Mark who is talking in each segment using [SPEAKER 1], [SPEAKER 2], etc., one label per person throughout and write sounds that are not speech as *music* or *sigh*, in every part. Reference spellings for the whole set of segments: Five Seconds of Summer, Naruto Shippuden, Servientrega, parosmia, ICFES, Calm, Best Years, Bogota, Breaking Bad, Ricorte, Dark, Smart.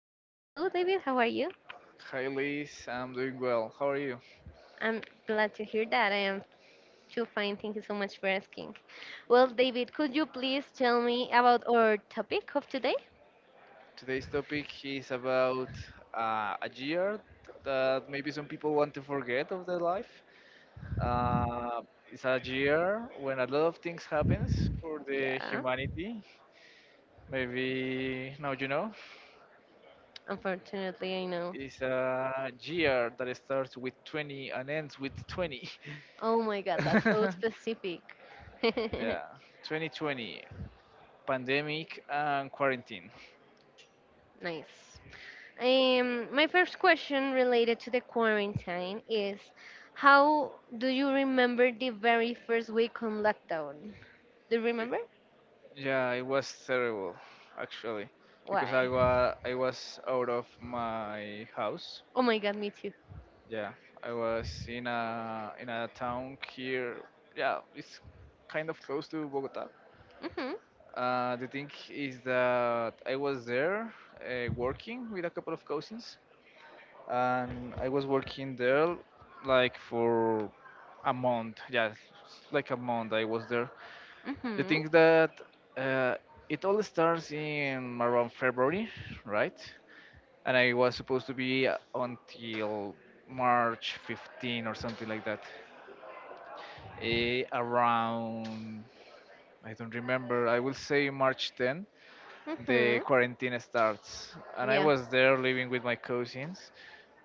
[SPEAKER 1] David. Hello, David. How are you?
[SPEAKER 2] Hi Liz, I'm doing well. How are you?
[SPEAKER 1] I'm glad to hear that. I am too fine. Thank you so much for asking. Well, David, could you please tell me about our topic of today?
[SPEAKER 2] Today's topic is about a year that maybe some people want to forget of their life. Uh, it's a year when a lot of things happens for the
[SPEAKER 1] Yeah,
[SPEAKER 2] humanity. Maybe now you know.
[SPEAKER 1] unfortunately, I know.
[SPEAKER 2] It's a year that starts with 20 and ends with 20.
[SPEAKER 1] Oh my God, that's so
[SPEAKER 2] *laughs*
[SPEAKER 1] specific.
[SPEAKER 2] Yeah,
[SPEAKER 1] *laughs*
[SPEAKER 2] 2020, pandemic and quarantine.
[SPEAKER 1] Nice. My first question related to the quarantine is: How do you remember the very first week on lockdown? Do you remember?
[SPEAKER 2] Yeah, it was terrible, actually, because I
[SPEAKER 1] Why?
[SPEAKER 2] was I was out of my house.
[SPEAKER 1] Oh my God, me too.
[SPEAKER 2] Yeah, I was in a town here. Yeah, it's kind of close to Bogota.
[SPEAKER 1] Mhm.
[SPEAKER 2] The thing is that I was there working with a couple of cousins, and I was working there like for a month. Yeah, like a month I was there. The
[SPEAKER 1] Mhm.
[SPEAKER 2] thing that uh, it all starts in around February, right? And I was supposed to be until March 15 or something like that. Around, I don't remember, I will say March 10, the
[SPEAKER 1] Mhm.
[SPEAKER 2] quarantine starts. And I
[SPEAKER 1] Yeah.
[SPEAKER 2] was there living with my cousins,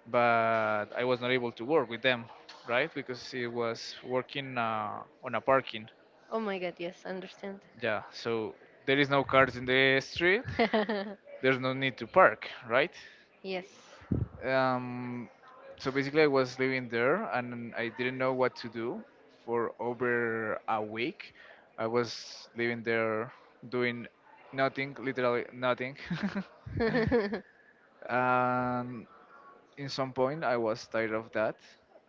[SPEAKER 2] but I was not able to work with them, right? Because it was working on a parking.
[SPEAKER 1] Oh my God, yes, understand.
[SPEAKER 2] Yeah, so there is no cars in the street.
[SPEAKER 1] *laughs*
[SPEAKER 2] There's no need to park, right?
[SPEAKER 1] Yes.
[SPEAKER 2] Um, so basically, I was living there and I didn't know what to do for over a week. I was living there doing nothing, literally nothing.
[SPEAKER 1] *laughs*
[SPEAKER 2] *laughs* And in some point, I was tired of that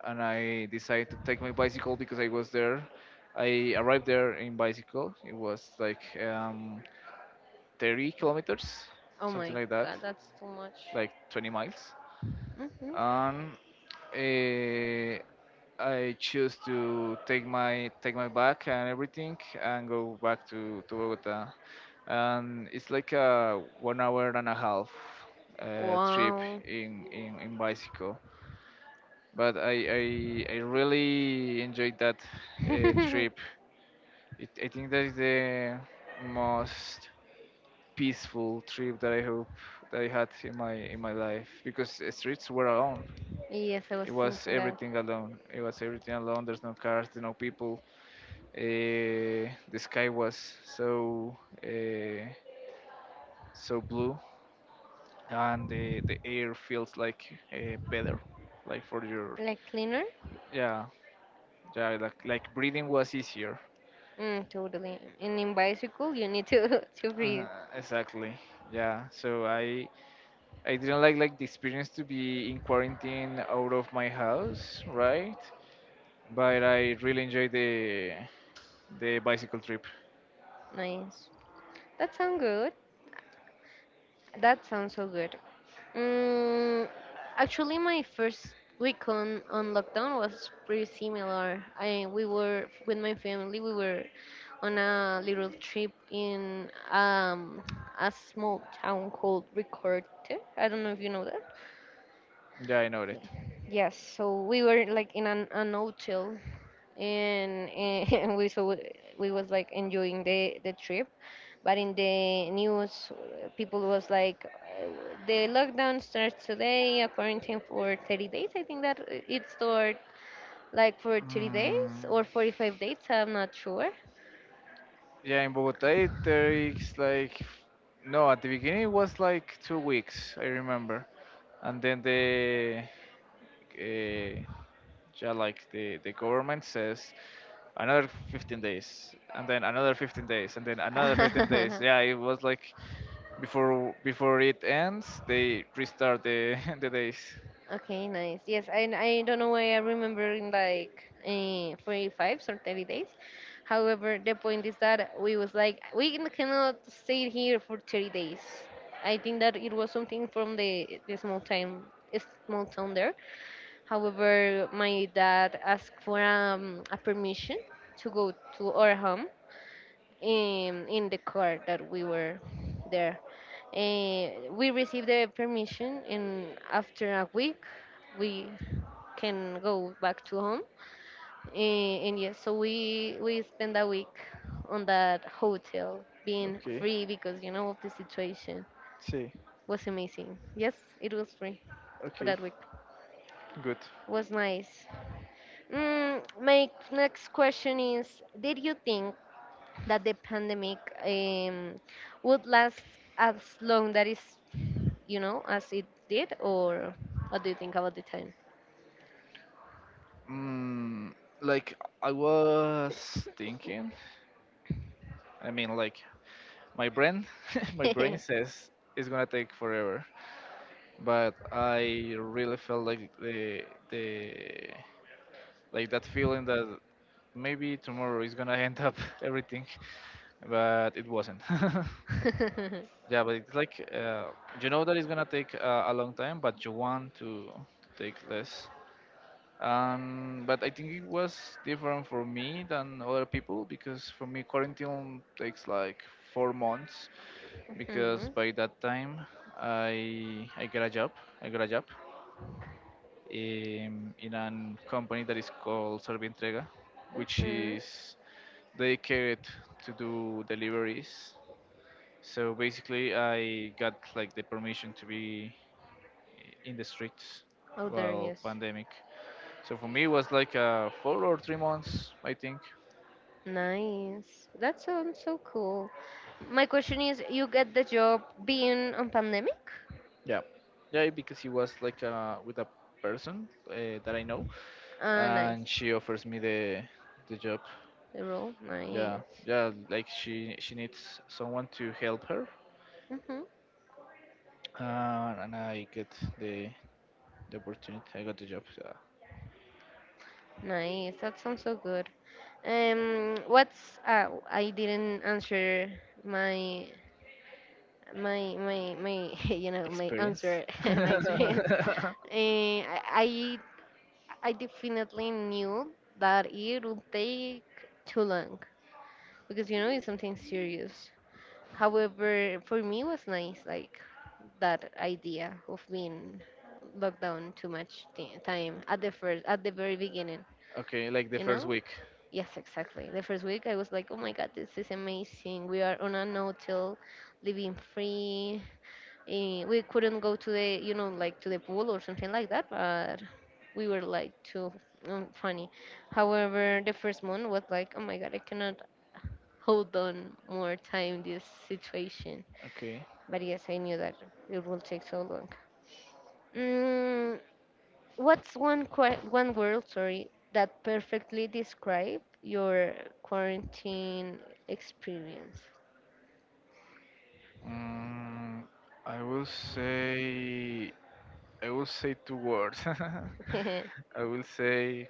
[SPEAKER 2] and I decided to take my bicycle because I was there. I arrived there in bicycle. It was like 30 kilometers,
[SPEAKER 1] Oh
[SPEAKER 2] something
[SPEAKER 1] my
[SPEAKER 2] like that,
[SPEAKER 1] God, that's too much.
[SPEAKER 2] like 20 miles.
[SPEAKER 1] Mhm.
[SPEAKER 2] and eh, I choose to take my bag and everything and go back to Bogota. And it's like a 1 hour and a half trip
[SPEAKER 1] Wow.
[SPEAKER 2] in, in bicycle. But I really enjoyed that
[SPEAKER 1] *laughs*
[SPEAKER 2] trip. I think that is the most peaceful trip that I hope that I had in my life because the streets were alone.
[SPEAKER 1] Yes, I was
[SPEAKER 2] It was
[SPEAKER 1] thinking that.
[SPEAKER 2] everything alone. It was everything alone. There's no cars, there's no people. The sky was so uh, so blue, and the air feels like better, like for your.
[SPEAKER 1] Like cleaner?
[SPEAKER 2] Yeah, yeah, like breathing was easier.
[SPEAKER 1] Mm, totally. And in bicycle, you need to *laughs* to
[SPEAKER 2] Uh,
[SPEAKER 1] breathe.
[SPEAKER 2] exactly. Yeah. So I didn't like the experience to be in quarantine out of my house, right? But I really enjoyed the bicycle trip.
[SPEAKER 1] Nice. That sounds good. That sounds so good. Mm, actually, my first week on lockdown was pretty similar. I we were with my family. We were on a little trip in a small town called Ricorte. I don't know if you know that.
[SPEAKER 2] Yeah, I know that.
[SPEAKER 1] Yes, so we were like in an hotel and *laughs* and we so we was like enjoying the trip, but in the news people was like the lockdown starts today, a quarantine for 30 days. I think that it started like for 30 days
[SPEAKER 2] Mm,
[SPEAKER 1] or 45 days. I'm not sure.
[SPEAKER 2] yeah, in Bogota it takes like no, at the beginning it was like 2 weeks, I remember, and then uh, yeah, like the government says another 15 days, and then another 15 days, and then another 15 days.
[SPEAKER 1] *laughs*
[SPEAKER 2] Yeah, it was like before it ends, they restart the *laughs* the days.
[SPEAKER 1] Okay, nice. Yes, I don't know why I remember in like 45 or 30 days. However, the point is that we was like we can- cannot stay here for 30 days. I think that it was something from the small town there. However, my dad asked for a permission to go to our home in the car that we were there. We received the permission, and after a week, we can go back to home. And yes, so we spend a week on that hotel, being
[SPEAKER 2] Okay,
[SPEAKER 1] free because of the situation
[SPEAKER 2] see,
[SPEAKER 1] was amazing. Yes, it was free for
[SPEAKER 2] okay,
[SPEAKER 1] that week.
[SPEAKER 2] good.
[SPEAKER 1] Was nice. My next question is: Did you think that the pandemic um, would last as long that is, as it did, or what do you think about the time?
[SPEAKER 2] Mm, like I was thinking. I mean, like my brain *laughs* my brain
[SPEAKER 1] *laughs*
[SPEAKER 2] says it's gonna take forever, but I really felt like the like that feeling that maybe tomorrow is gonna end up *laughs* everything, but it wasn't. *laughs* Yeah, but it's like you know that it's gonna take a long time, but you want to take less. But I think it was different for me than other people because for me quarantine takes like 4 months,
[SPEAKER 1] Mhm,
[SPEAKER 2] because
[SPEAKER 1] mhm.
[SPEAKER 2] by that time I got a job. I got a job in a company that is called Servientrega, which
[SPEAKER 1] Mhm.
[SPEAKER 2] is dedicated to do deliveries. So basically, I got like the permission to be in the streets
[SPEAKER 1] Oh, there he
[SPEAKER 2] while
[SPEAKER 1] is.
[SPEAKER 2] pandemic. So for me, it was like 4 or 3 months, I think.
[SPEAKER 1] Nice. That sounds so cool. My question is, you get the job being on pandemic?
[SPEAKER 2] Yeah, yeah, because he was like with a person that I know,
[SPEAKER 1] Ah, nice.
[SPEAKER 2] and she offers me the job.
[SPEAKER 1] The role,
[SPEAKER 2] Yeah,
[SPEAKER 1] nice.
[SPEAKER 2] yeah, like she needs someone to help her,
[SPEAKER 1] Hmm.
[SPEAKER 2] and I get the the opportunity. I got the job,
[SPEAKER 1] Nice. That sounds so good. What's I didn't answer my my *laughs* my
[SPEAKER 2] experience.
[SPEAKER 1] answer *laughs* my experience. *laughs*
[SPEAKER 2] *laughs*
[SPEAKER 1] Uh, I I definitely knew that it would take too long because it's something serious. However, for me it was nice. Like that idea of being locked down too much time at the first at the very beginning.
[SPEAKER 2] Okay, like the
[SPEAKER 1] you
[SPEAKER 2] first
[SPEAKER 1] know
[SPEAKER 2] week.
[SPEAKER 1] yes, exactly, the first week I was like, oh my God, this is amazing, we are on a no-till living free. We couldn't go to the you know like to the pool or something like that, but we were like too funny. However, the first month was like, oh my God, I cannot hold on more time this situation,
[SPEAKER 2] Okay.
[SPEAKER 1] but yes, I knew that it will take so long. Mm, what's one word, sorry, that perfectly describe your quarantine experience?
[SPEAKER 2] Mm, i will say i will say two words.
[SPEAKER 1] *laughs*
[SPEAKER 2] *laughs* I will say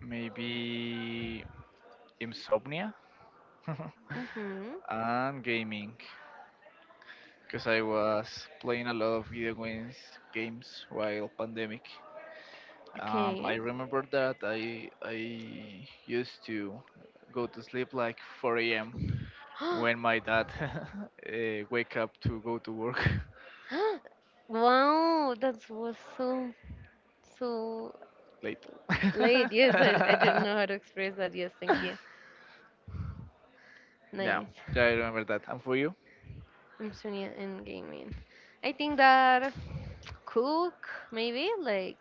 [SPEAKER 2] maybe insomnia.
[SPEAKER 1] Mm-hmm.
[SPEAKER 2] *laughs* And gaming, because I was playing a lot of video games while pandemic. Um,
[SPEAKER 1] Okay.
[SPEAKER 2] I remember that I used to go to sleep like 4 a.m. when
[SPEAKER 1] *gasps*
[SPEAKER 2] my dad *laughs* wake up to go to work.
[SPEAKER 1] Wow, that was so, so
[SPEAKER 2] *laughs* Late. *laughs*
[SPEAKER 1] late. Yes, I didn't
[SPEAKER 2] Yeah,
[SPEAKER 1] know how to express that. Yes, thank you.
[SPEAKER 2] yeah,
[SPEAKER 1] Nice.
[SPEAKER 2] I remember that. And for you?
[SPEAKER 1] I'm Sonia in gaming. I think that cook maybe, like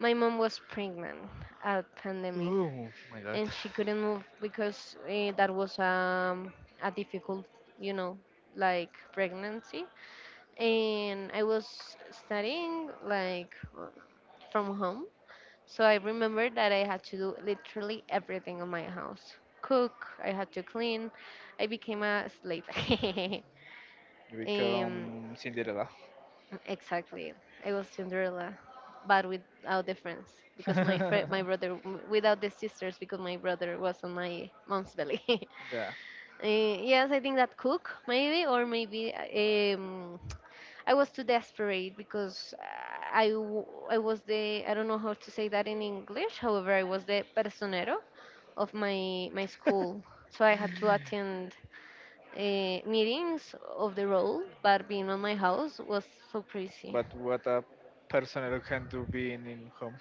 [SPEAKER 1] my mom was pregnant at pandemic
[SPEAKER 2] Oh my God,
[SPEAKER 1] and she couldn't move because that was a difficult, you know, like pregnancy. And I was studying like uh, from home, so I remember that I had to do literally everything in my house: cook, I had to clean. I became a slave. *laughs*
[SPEAKER 2] you
[SPEAKER 1] um,
[SPEAKER 2] become Cinderella.
[SPEAKER 1] exactly, I was Cinderella. But without the friends, because
[SPEAKER 2] *laughs*
[SPEAKER 1] my brother, without the sisters, because my brother was on my mom's belly. *laughs*
[SPEAKER 2] Yeah,
[SPEAKER 1] Yes, I think that cook maybe, or maybe I was too desperate because I was the I don't know how to say that in English. However, I was the personero of my school, so I had to attend meetings of the role. But being on my house was so crazy,
[SPEAKER 2] but what a person who can do being in home.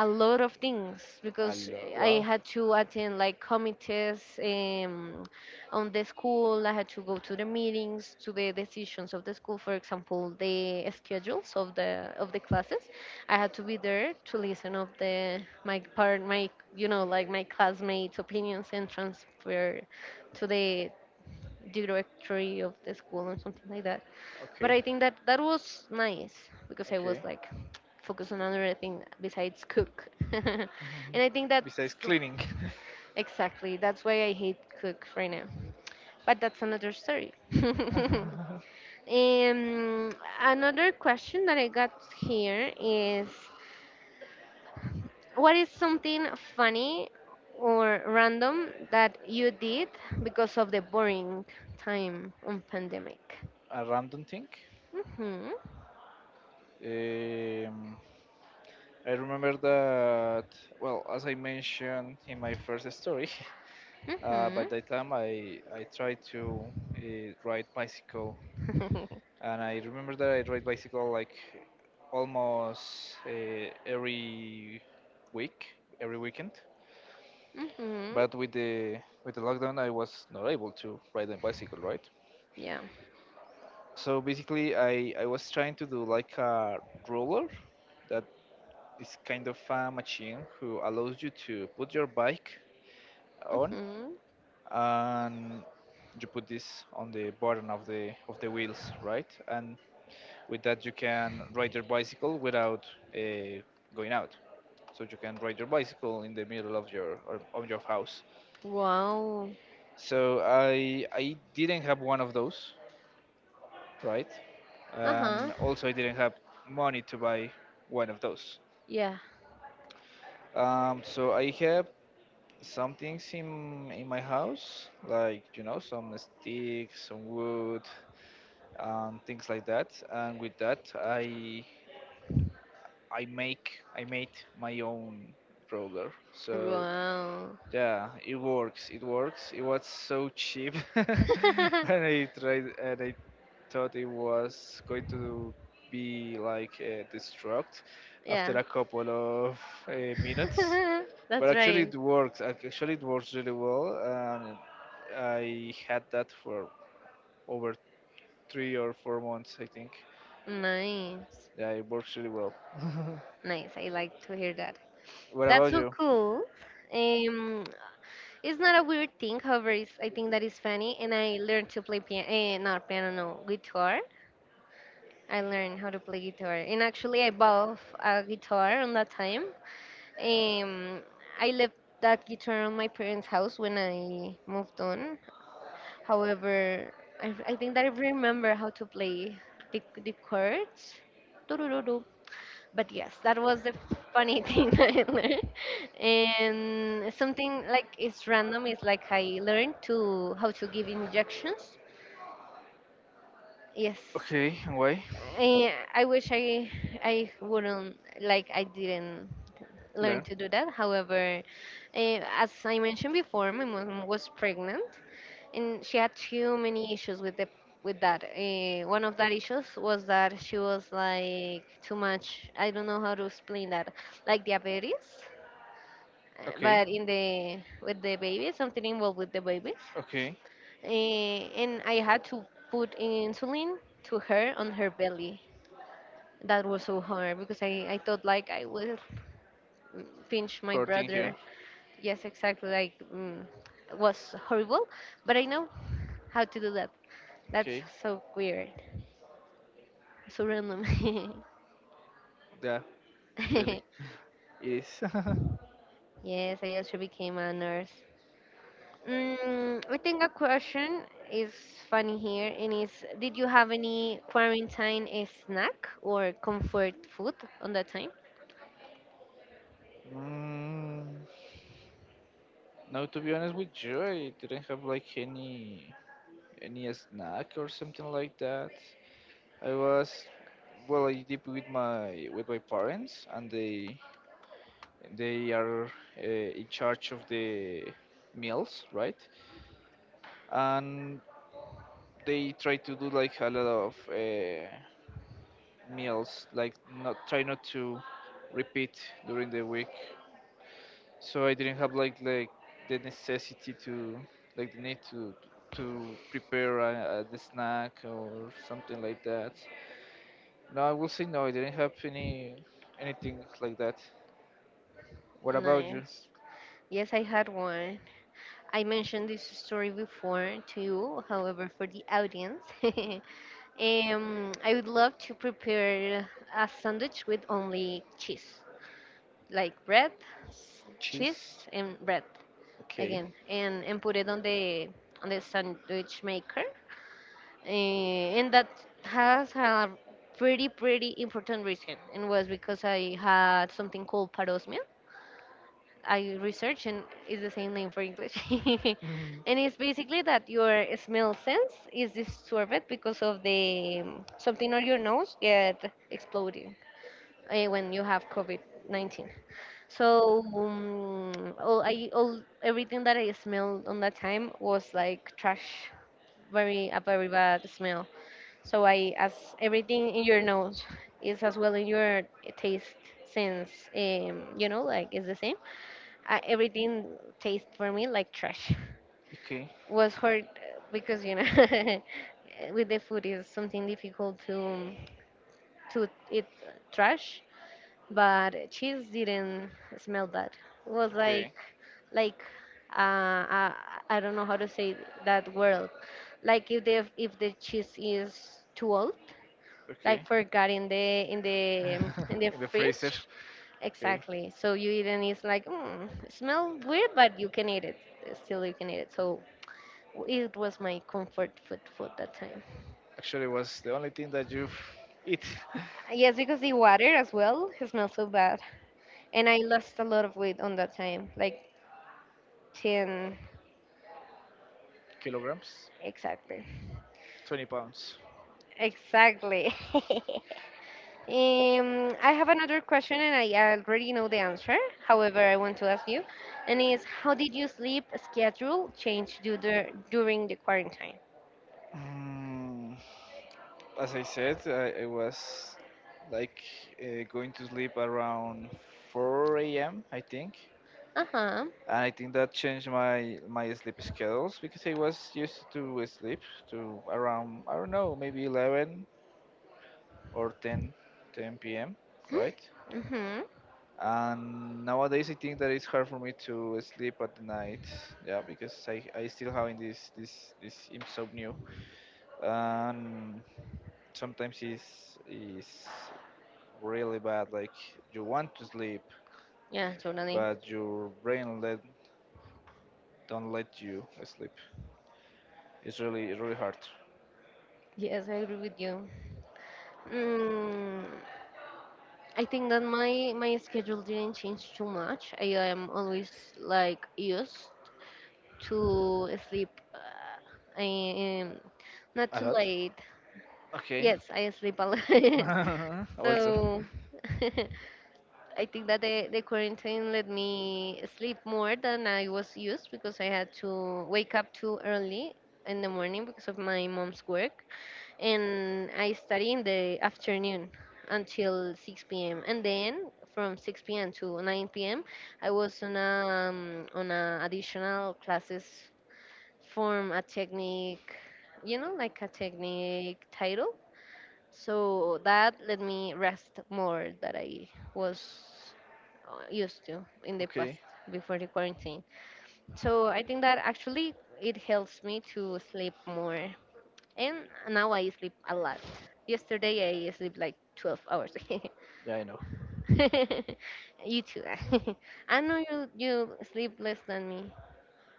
[SPEAKER 1] a lot of things
[SPEAKER 2] A
[SPEAKER 1] because
[SPEAKER 2] lo-
[SPEAKER 1] I
[SPEAKER 2] wow.
[SPEAKER 1] had to attend like committees on the school. I had to go to the meetings, to the decisions of the school. For example, the schedules of the classes. I had to be there to listen of the my part, my you know like my classmates' opinions and transfer to the directory of the school and something like that. But
[SPEAKER 2] Okay.
[SPEAKER 1] I think that that was nice because I was
[SPEAKER 2] Okay.
[SPEAKER 1] like focused on another thing besides cook. *laughs* And I think
[SPEAKER 2] Besides
[SPEAKER 1] the-
[SPEAKER 2] cleaning. *laughs*
[SPEAKER 1] exactly, that's why I hate cook right now. But that's another story. *laughs* um, Another question that I got here is, what is something funny or random that you did because of the boring time on pandemic?
[SPEAKER 2] A random thing.
[SPEAKER 1] Mhm.
[SPEAKER 2] um, I remember that, well, as I mentioned in my first story, *laughs* by
[SPEAKER 1] Mhm.
[SPEAKER 2] that time I tried to ride bicycle.
[SPEAKER 1] *laughs*
[SPEAKER 2] And I remember that I ride bicycle like almost every week, every weekend,
[SPEAKER 1] Mhm.
[SPEAKER 2] but with the lockdown I was not able to ride a bicycle, right?
[SPEAKER 1] Yeah.
[SPEAKER 2] So basically, I was trying to do like a roller that is kind of a machine who allows you to put your bike on,
[SPEAKER 1] Mhm.
[SPEAKER 2] and you put this on the bottom of the wheels, right? And with that, you can ride your bicycle without uh, going out. So you can ride your bicycle in the middle of your or of your house.
[SPEAKER 1] Wow.
[SPEAKER 2] So I didn't have one of those, right?
[SPEAKER 1] Uh
[SPEAKER 2] And
[SPEAKER 1] huh.
[SPEAKER 2] also I didn't have money to buy one of those.
[SPEAKER 1] Yeah.
[SPEAKER 2] So I have some things in my house, like some sticks, some wood, things like that. And with that, I make I made my own roller. So
[SPEAKER 1] Wow.
[SPEAKER 2] yeah, it works. It works. It was so cheap, *laughs* and I
[SPEAKER 1] *laughs*
[SPEAKER 2] tried and I thought it was going to be like destruct after
[SPEAKER 1] Yeah.
[SPEAKER 2] a couple of minutes.
[SPEAKER 1] *laughs*
[SPEAKER 2] But
[SPEAKER 1] That's
[SPEAKER 2] actually,
[SPEAKER 1] right.
[SPEAKER 2] it works. Actually, it works really well, and I had that for over 3 or 4 months, I think.
[SPEAKER 1] Nice.
[SPEAKER 2] Yeah, it works really well. *laughs*
[SPEAKER 1] Nice. I like to hear that.
[SPEAKER 2] What
[SPEAKER 1] That's
[SPEAKER 2] about
[SPEAKER 1] so
[SPEAKER 2] you?
[SPEAKER 1] cool. Um, it's not a weird thing, however, it's, I think that is funny. And I learned to play piano, not piano, no, guitar. I learned how to play guitar, and actually, I bought a guitar on that time. Um, I left that guitar on my parents' house when I moved on. However, I think that I remember how to play the chords. Doo. But yes, that was the funny *laughs* thing that I learned. And something like it's random is like I learned to how to give injections. Yes,
[SPEAKER 2] Okay, and why?
[SPEAKER 1] I wish I wouldn't like I didn't learn
[SPEAKER 2] Learn.
[SPEAKER 1] to do that. However, as I mentioned before, my mom was pregnant and she had too many issues with the with that. One of that issues was that she was like too much. I don't know how to explain that, like diabetes,
[SPEAKER 2] Okay,
[SPEAKER 1] but in the with the baby, something involved with the babies.
[SPEAKER 2] okay.
[SPEAKER 1] And I had to put insulin to her on her belly that was so hard because I thought like I will pinch my
[SPEAKER 2] Hurting here.
[SPEAKER 1] brother. Yes, exactly. Like it was horrible, but I know how to do that. That's
[SPEAKER 2] Okay,
[SPEAKER 1] so weird, so random.
[SPEAKER 2] yeah, really,
[SPEAKER 1] *laughs*
[SPEAKER 2] it is. *laughs*
[SPEAKER 1] Yes, I also became a nurse. I think a question is funny here, and is, did you have any quarantine snack or comfort food on that time?
[SPEAKER 2] mm, Now, to be honest with you, I didn't have like any snack or something like that. I was well. I live with my parents, and they are in charge of the meals, right? And they try to do like a lot of meals, like not try not to repeat during the week. So I didn't have like the necessity to like the need to prepare the snack or something like that. No, I will say no. I didn't have anything like that. What about you?
[SPEAKER 1] Nice. Yes, I had one. I mentioned this story before to you, however, for the audience, *laughs* I would love to prepare a sandwich with only cheese, like bread,
[SPEAKER 2] Cheese?
[SPEAKER 1] cheese, and bread
[SPEAKER 2] Okay. *laughs*
[SPEAKER 1] again, and put it on the sandwich maker. And that has a pretty, pretty important reason, and was because I had something called parosmia. I research and it's the same name for English.
[SPEAKER 2] Mhm.
[SPEAKER 1] *laughs* And it's basically that your smell sense is disturbed because of the something on your nose get exploding when you have COVID-19. So all I all everything that I smelled on that time was like trash, very a very bad smell. So I as everything in your nose is as well in your taste sense, like it's the same everything tastes for me like trash.
[SPEAKER 2] Okay.
[SPEAKER 1] *laughs* Was hard because *laughs* with the food is something difficult to eat trash, but cheese didn't smell bad. It was
[SPEAKER 2] Okay.
[SPEAKER 1] like like uh, uh, I don't know how to say that word. Like if the cheese is too old, like
[SPEAKER 2] Okay.
[SPEAKER 1] forgot in the
[SPEAKER 2] *laughs* In the freezer.
[SPEAKER 1] fridge.
[SPEAKER 2] Okay.
[SPEAKER 1] Exactly. So you eat and it's like, smell weird, but you can eat it. Still, you can eat it. So it was my comfort food that time.
[SPEAKER 2] Actually, was the only thing that you eat. *laughs*
[SPEAKER 1] Yes, because the water as well it smells so bad, and I lost a lot of weight on that time, like ten
[SPEAKER 2] Kilograms?
[SPEAKER 1] exactly.
[SPEAKER 2] 20 pounds.
[SPEAKER 1] Exactly. *laughs* I have another question, and I already know the answer. However, I want to ask you, and is, how did your sleep schedule change during the quarantine?
[SPEAKER 2] Mm, as I said, I was like going to sleep around 4 a.m., I think.
[SPEAKER 1] Uh huh.
[SPEAKER 2] And I think that changed my sleep schedules because I was used to sleep to around I don't know maybe 11 or 10 10 p.m., right.
[SPEAKER 1] Mm-hmm.
[SPEAKER 2] And nowadays I think that it's hard for me to sleep at the night, yeah, because I still having this insomnia, and sometimes it's is really bad, like you want to sleep,
[SPEAKER 1] Yeah, totally.
[SPEAKER 2] but your brain let don't let you sleep. It's really hard.
[SPEAKER 1] Yes, I agree with you. Mm, I think that my schedule didn't change too much. I am always like used to sleep. I am not
[SPEAKER 2] A
[SPEAKER 1] too
[SPEAKER 2] lot.
[SPEAKER 1] late.
[SPEAKER 2] Okay.
[SPEAKER 1] Yes, I sleep a lot. *laughs*
[SPEAKER 2] *laughs* Also.
[SPEAKER 1] So *laughs* I think that the quarantine let me sleep more than I was used because I had to wake up too early in the morning because of my mom's work. And I study in the afternoon until 6 p.m. and then from 6 p.m. to 9 p.m. I was on a additional classes from a technique, you know, like a technique title. So that let me rest more that I was used to in the past
[SPEAKER 2] Okay.
[SPEAKER 1] before the quarantine. So I think that actually it helps me to sleep more and now I sleep a lot. Yesterday I sleep like 12 hours. *laughs*
[SPEAKER 2] Yeah, I know.
[SPEAKER 1] You too. *laughs* I know you sleep less than me,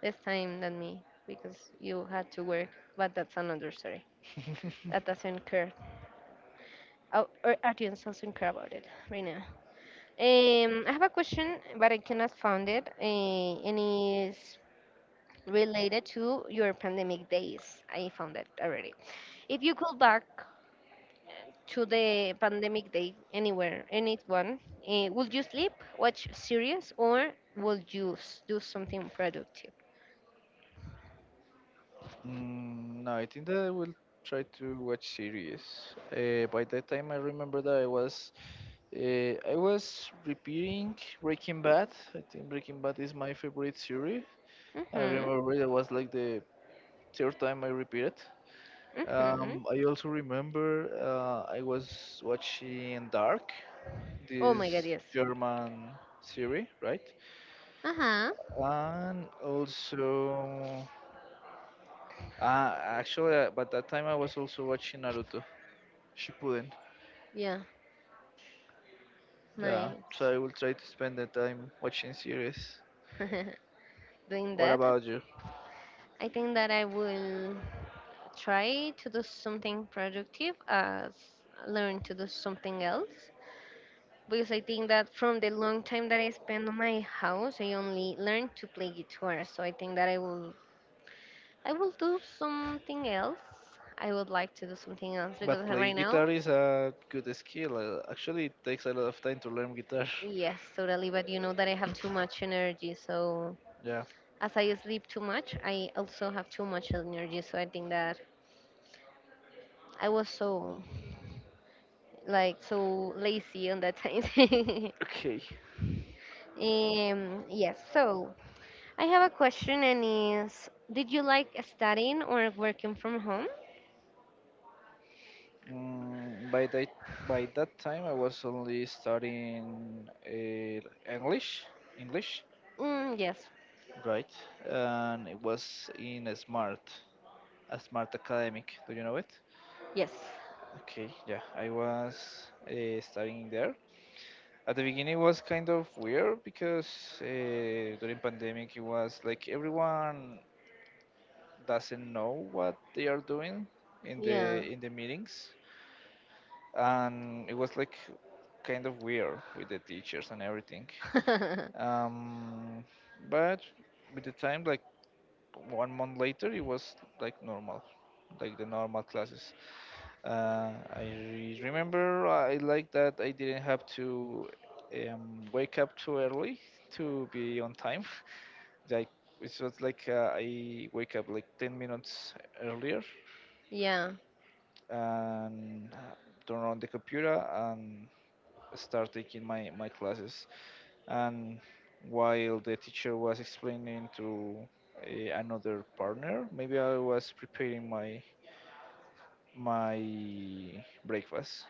[SPEAKER 1] less time than me because you had to work, but that's another story. That doesn't care. Our audience doesn't care about it right now. I have a question, but I cannot find it. And it's related to your pandemic days. I found it already. If you could back to the pandemic day anywhere, anyone, would you sleep, watch series, or would do something productive?
[SPEAKER 2] Mm, no, I think that I will try to watch series. By that time, I remember that I was repeating Breaking Bad. I think Breaking Bad is my favorite series. I
[SPEAKER 1] Mm-hmm.
[SPEAKER 2] remember that was like the third time I repeated.
[SPEAKER 1] Mm-hmm.
[SPEAKER 2] I also remember I was watching Dark,
[SPEAKER 1] Oh my God,
[SPEAKER 2] this
[SPEAKER 1] yes.
[SPEAKER 2] German series, right?
[SPEAKER 1] Uh-huh.
[SPEAKER 2] And also, actually, but that time I was also watching Naruto Shippuden.
[SPEAKER 1] Yeah,
[SPEAKER 2] Yeah,
[SPEAKER 1] nice.
[SPEAKER 2] so I will try to spend the time watching series.
[SPEAKER 1] *laughs* Doing
[SPEAKER 2] What
[SPEAKER 1] that,
[SPEAKER 2] about you?
[SPEAKER 1] I think that I will try to do something productive as learn to do something else. Because I think that from the long time that I spend on my house, I only learned to play guitar. So I think that I will do something else. I would like to do something else because
[SPEAKER 2] But playing
[SPEAKER 1] right now,
[SPEAKER 2] guitar is a good skill. Actually, it takes a lot of time to learn guitar. *laughs*
[SPEAKER 1] yes, totally. But you know that I have too much energy. So
[SPEAKER 2] Yeah.
[SPEAKER 1] as I sleep too much, I also have too much energy. So I think that I was so like so lazy on that time. *laughs*
[SPEAKER 2] Okay.
[SPEAKER 1] Yes. So I have a question, and is did you like studying or working from home?
[SPEAKER 2] Mm, by that time, I was only studying English. English,
[SPEAKER 1] Mm, yes.
[SPEAKER 2] right? And it was in Smart. A smart academic. Do you know it?
[SPEAKER 1] Yes.
[SPEAKER 2] Okay, yeah, I was studying there. At the beginning, it was kind of weird because during pandemic, it was like everyone doesn't know what they are doing in the
[SPEAKER 1] Yeah.
[SPEAKER 2] in the meetings, and it was like kind of weird with the teachers and everything. Um, but with the time, like 1 month later, it was like normal, like the normal classes. I remember I like that I didn't have to wake up too early to be on time. *laughs* Like it was like I wake up like 10 minutes earlier
[SPEAKER 1] *laughs* yeah.
[SPEAKER 2] and turn on the computer and start taking my classes. And while the teacher was explaining to another partner, maybe I was preparing my breakfast.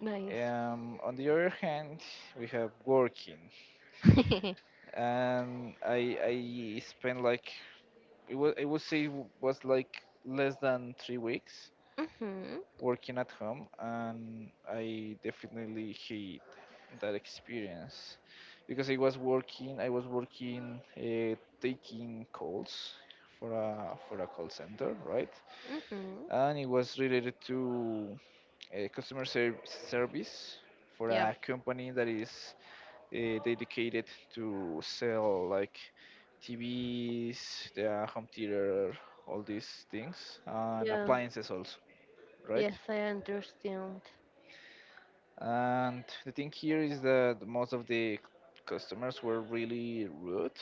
[SPEAKER 1] Nice.
[SPEAKER 2] On the other hand, we have working,
[SPEAKER 1] *laughs*
[SPEAKER 2] and I spent like it was I would say was like less than 3 weeks
[SPEAKER 1] Mhm.
[SPEAKER 2] working at home, and I definitely hate that experience because I was working taking calls for a call center, right?
[SPEAKER 1] Mhm.
[SPEAKER 2] And it was related to customer service for
[SPEAKER 1] Yeah.
[SPEAKER 2] a company that is dedicated to sell like TVs, the home theater, all these things, and
[SPEAKER 1] Yeah.
[SPEAKER 2] appliances also, right?
[SPEAKER 1] Yes, I understand.
[SPEAKER 2] And the thing here is that most of the customers were really rude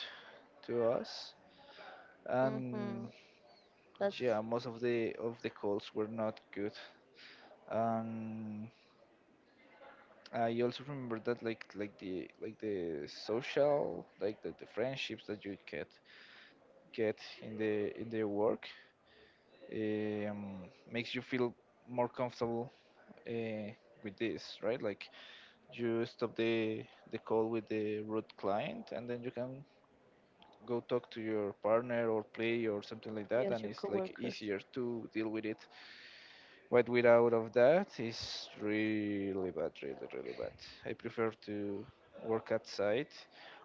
[SPEAKER 2] to us, and
[SPEAKER 1] Mhm.
[SPEAKER 2] yeah,
[SPEAKER 1] That's
[SPEAKER 2] most of the calls were not good. And I also remember that like the like the social like the friendships that you get in the work, um, makes you feel more comfortable, uh, with this, right? Like you stop the call with the root client, and then you can go talk to your partner or play or something like that,
[SPEAKER 1] yes,
[SPEAKER 2] and
[SPEAKER 1] your
[SPEAKER 2] it's like
[SPEAKER 1] coworkers.
[SPEAKER 2] easier to deal with it. But without of that is really bad, really really bad. I prefer to work outside,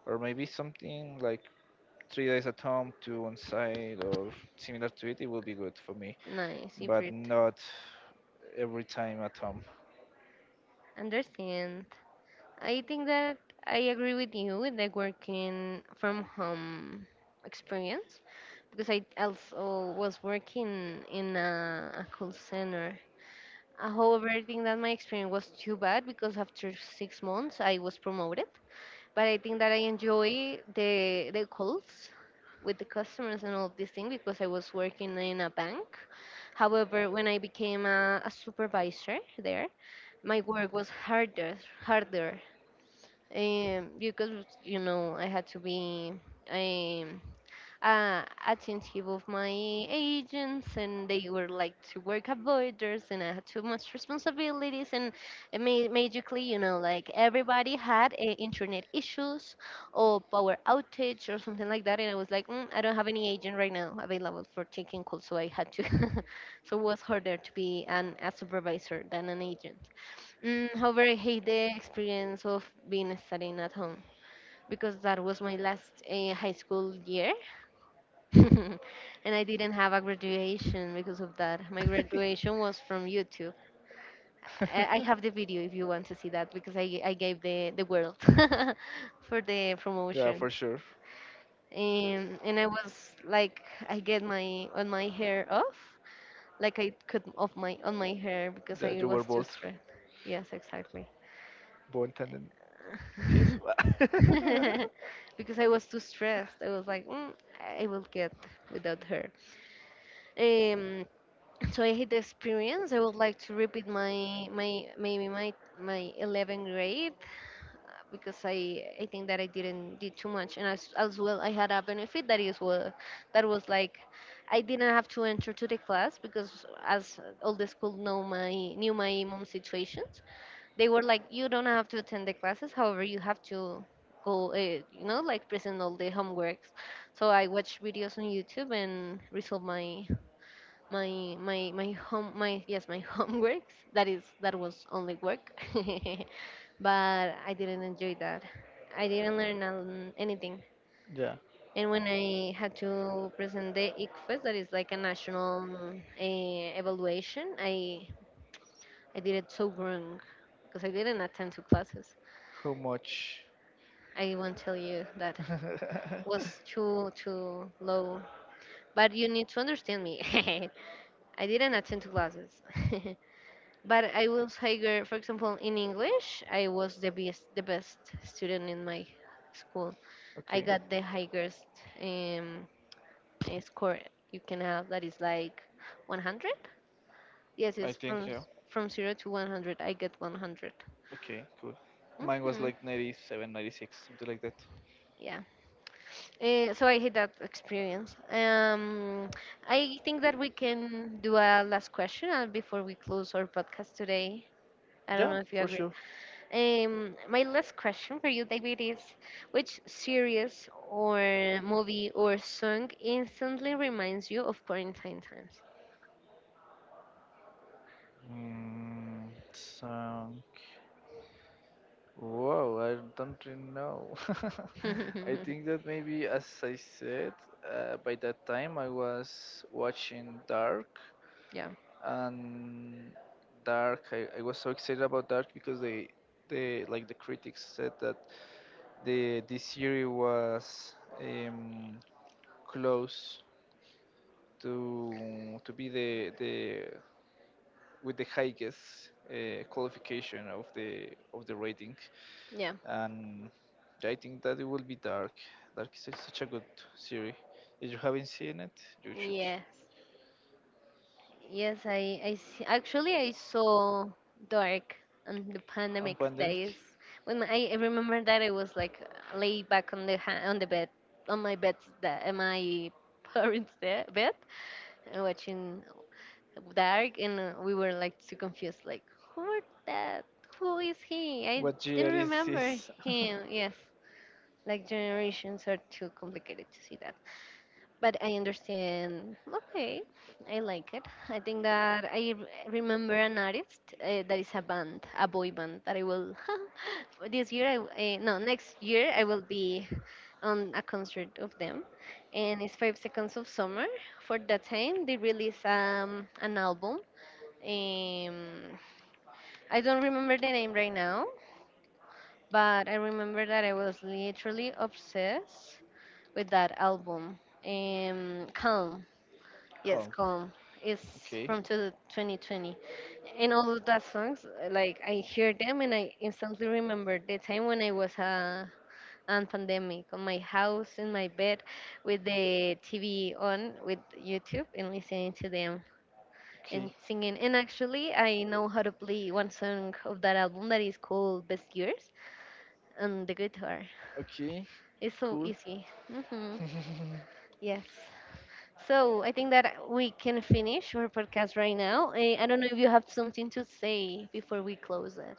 [SPEAKER 2] or maybe something like 3 days at home, two on site, or similar to it. It will be good for me,
[SPEAKER 1] Nice,
[SPEAKER 2] but
[SPEAKER 1] Ifrit.
[SPEAKER 2] not every time at home.
[SPEAKER 1] Understand. I think that I agree with you with the working from home experience because I also was working in a call center. However, I think that my experience was too bad because after six months I was promoted, but I think that I enjoy the calls with the customers and all of these things because I was working in a bank. However, when I became a supervisor there, my work was harder, harder, because you know I had to be um, attentive of my agents and they were like to work avoiders and I had too much responsibilities and it magically you know like everybody had internet issues or power outage or something like that, and I was like I don't have any agent right now available for taking calls, so I had to *laughs* so it was harder to be an a supervisor than an agent. However, I hate the experience of being studying at home because that was my last high school year. *laughs* And I didn't have a graduation because of that. My graduation was from YouTube.
[SPEAKER 2] *laughs*
[SPEAKER 1] I have the video if you want to see that because I gave the world *laughs* for the
[SPEAKER 2] Yeah,
[SPEAKER 1] promotion.
[SPEAKER 2] for sure.
[SPEAKER 1] And I was like, I get my on my hair off, like I could off my on my hair because I
[SPEAKER 2] That you
[SPEAKER 1] was
[SPEAKER 2] were
[SPEAKER 1] too
[SPEAKER 2] bold.
[SPEAKER 1] stressed. Yes, exactly.
[SPEAKER 2] Bold and tenden. Yes.
[SPEAKER 1] *laughs* *laughs* Because I was too stressed. I was like, I will get without her. Um, so I hate the experience. I would like to repeat my my maybe my 11th grade, because I think that I didn't did too much, and as well I had a benefit that is well that was like I didn't have to enter to the class because as all the school know my knew my mom's situations, they were like you don't have to attend the classes. However, you have to go you know like present all the homeworks, so I watched videos on YouTube and resolved my *laughs* homeworks. That was only work. *laughs* But I didn't enjoy that. I didn't learn anything.
[SPEAKER 2] *laughs* Yeah.
[SPEAKER 1] And when I had to present the ICFES, that is like a national evaluation, I did it so wrong because I didn't attend to classes.
[SPEAKER 2] How much?
[SPEAKER 1] I won't tell you that.
[SPEAKER 2] *laughs*
[SPEAKER 1] Was too too low, but you need to understand me. *laughs* I didn't attend to classes. *laughs* But I will say, girl, for example, in English, I was the best student in my school. I
[SPEAKER 2] Okay.
[SPEAKER 1] got the highest um, score you can have. That is like 100. Yes,
[SPEAKER 2] I
[SPEAKER 1] it's
[SPEAKER 2] think yeah.
[SPEAKER 1] from zero to 100. I get 100.
[SPEAKER 2] Okay, cool. Mine was
[SPEAKER 1] Hmm.
[SPEAKER 2] like 97, 96, something like that.
[SPEAKER 1] Yeah. So I hate that experience. I think that we can do a last question before we close our podcast today. I don't
[SPEAKER 2] Yeah,
[SPEAKER 1] know if you
[SPEAKER 2] for
[SPEAKER 1] agree.
[SPEAKER 2] sure.
[SPEAKER 1] My last question for you, David, is which series or movie or song instantly reminds you of quarantine times?
[SPEAKER 2] Mm, song. Wow, I don't really know. *laughs* I
[SPEAKER 1] *laughs*
[SPEAKER 2] think that maybe, as I said, by that time I was watching Dark,
[SPEAKER 1] yeah.
[SPEAKER 2] and Dark, I was so excited about Dark because they like the critics said that the this series was um, close to be the with the highest qualification of the rating.
[SPEAKER 1] Yeah.
[SPEAKER 2] And I think that it will be Dark. Dark is such a good series. If you haven't seen it, you should.
[SPEAKER 1] Yes. Yes, I see. Actually, I saw Dark on the
[SPEAKER 2] On
[SPEAKER 1] pandemic days
[SPEAKER 2] Pandemic.
[SPEAKER 1] when I remember that I was like lay back on the ha on the bed on my bed that my *laughs* bed and watching dark, and we were like too confused like who are that, who is he. I
[SPEAKER 2] What
[SPEAKER 1] didn't
[SPEAKER 2] year is
[SPEAKER 1] remember
[SPEAKER 2] this? *laughs*
[SPEAKER 1] him. Yes, like generations are too complicated to see that, but I understand. Okay, I like it. I think that I remember an artist, that is a band, a boy band, that I will *laughs* for this year I no next year I will be on a concert of them, and it's five seconds of summer. For that time they released an album, um, I don't remember the name right now, but I remember that I was literally obsessed with that album. Calm. Yes,
[SPEAKER 2] Calm.
[SPEAKER 1] Calm. It's
[SPEAKER 2] Okay,
[SPEAKER 1] from to 2020. And all of that songs, like I hear them and I instantly remember the time when I was on pandemic on my house in my bed with the TV on with YouTube and listening to them.
[SPEAKER 2] okay,
[SPEAKER 1] And singing. And actually, I know how to play one song of that album that is called Best Years on the guitar.
[SPEAKER 2] okay,
[SPEAKER 1] It's so
[SPEAKER 2] cool.
[SPEAKER 1] easy. Hmm.
[SPEAKER 2] *laughs*
[SPEAKER 1] Yes. So I think that we can finish our podcast right now. Eh, I don't know if you have something to say before we close it.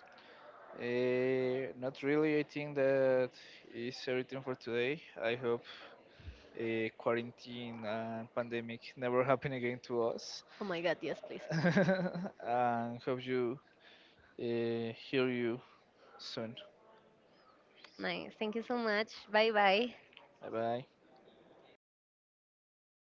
[SPEAKER 2] Not really. I think that is everything for today. I hope a quarantine and pandemic never happen again to us.
[SPEAKER 1] Oh my God, yes, please.
[SPEAKER 2] *laughs* And hope you hear you soon.
[SPEAKER 1] Nice. Thank you so much. Bye bye.
[SPEAKER 2] Bye bye.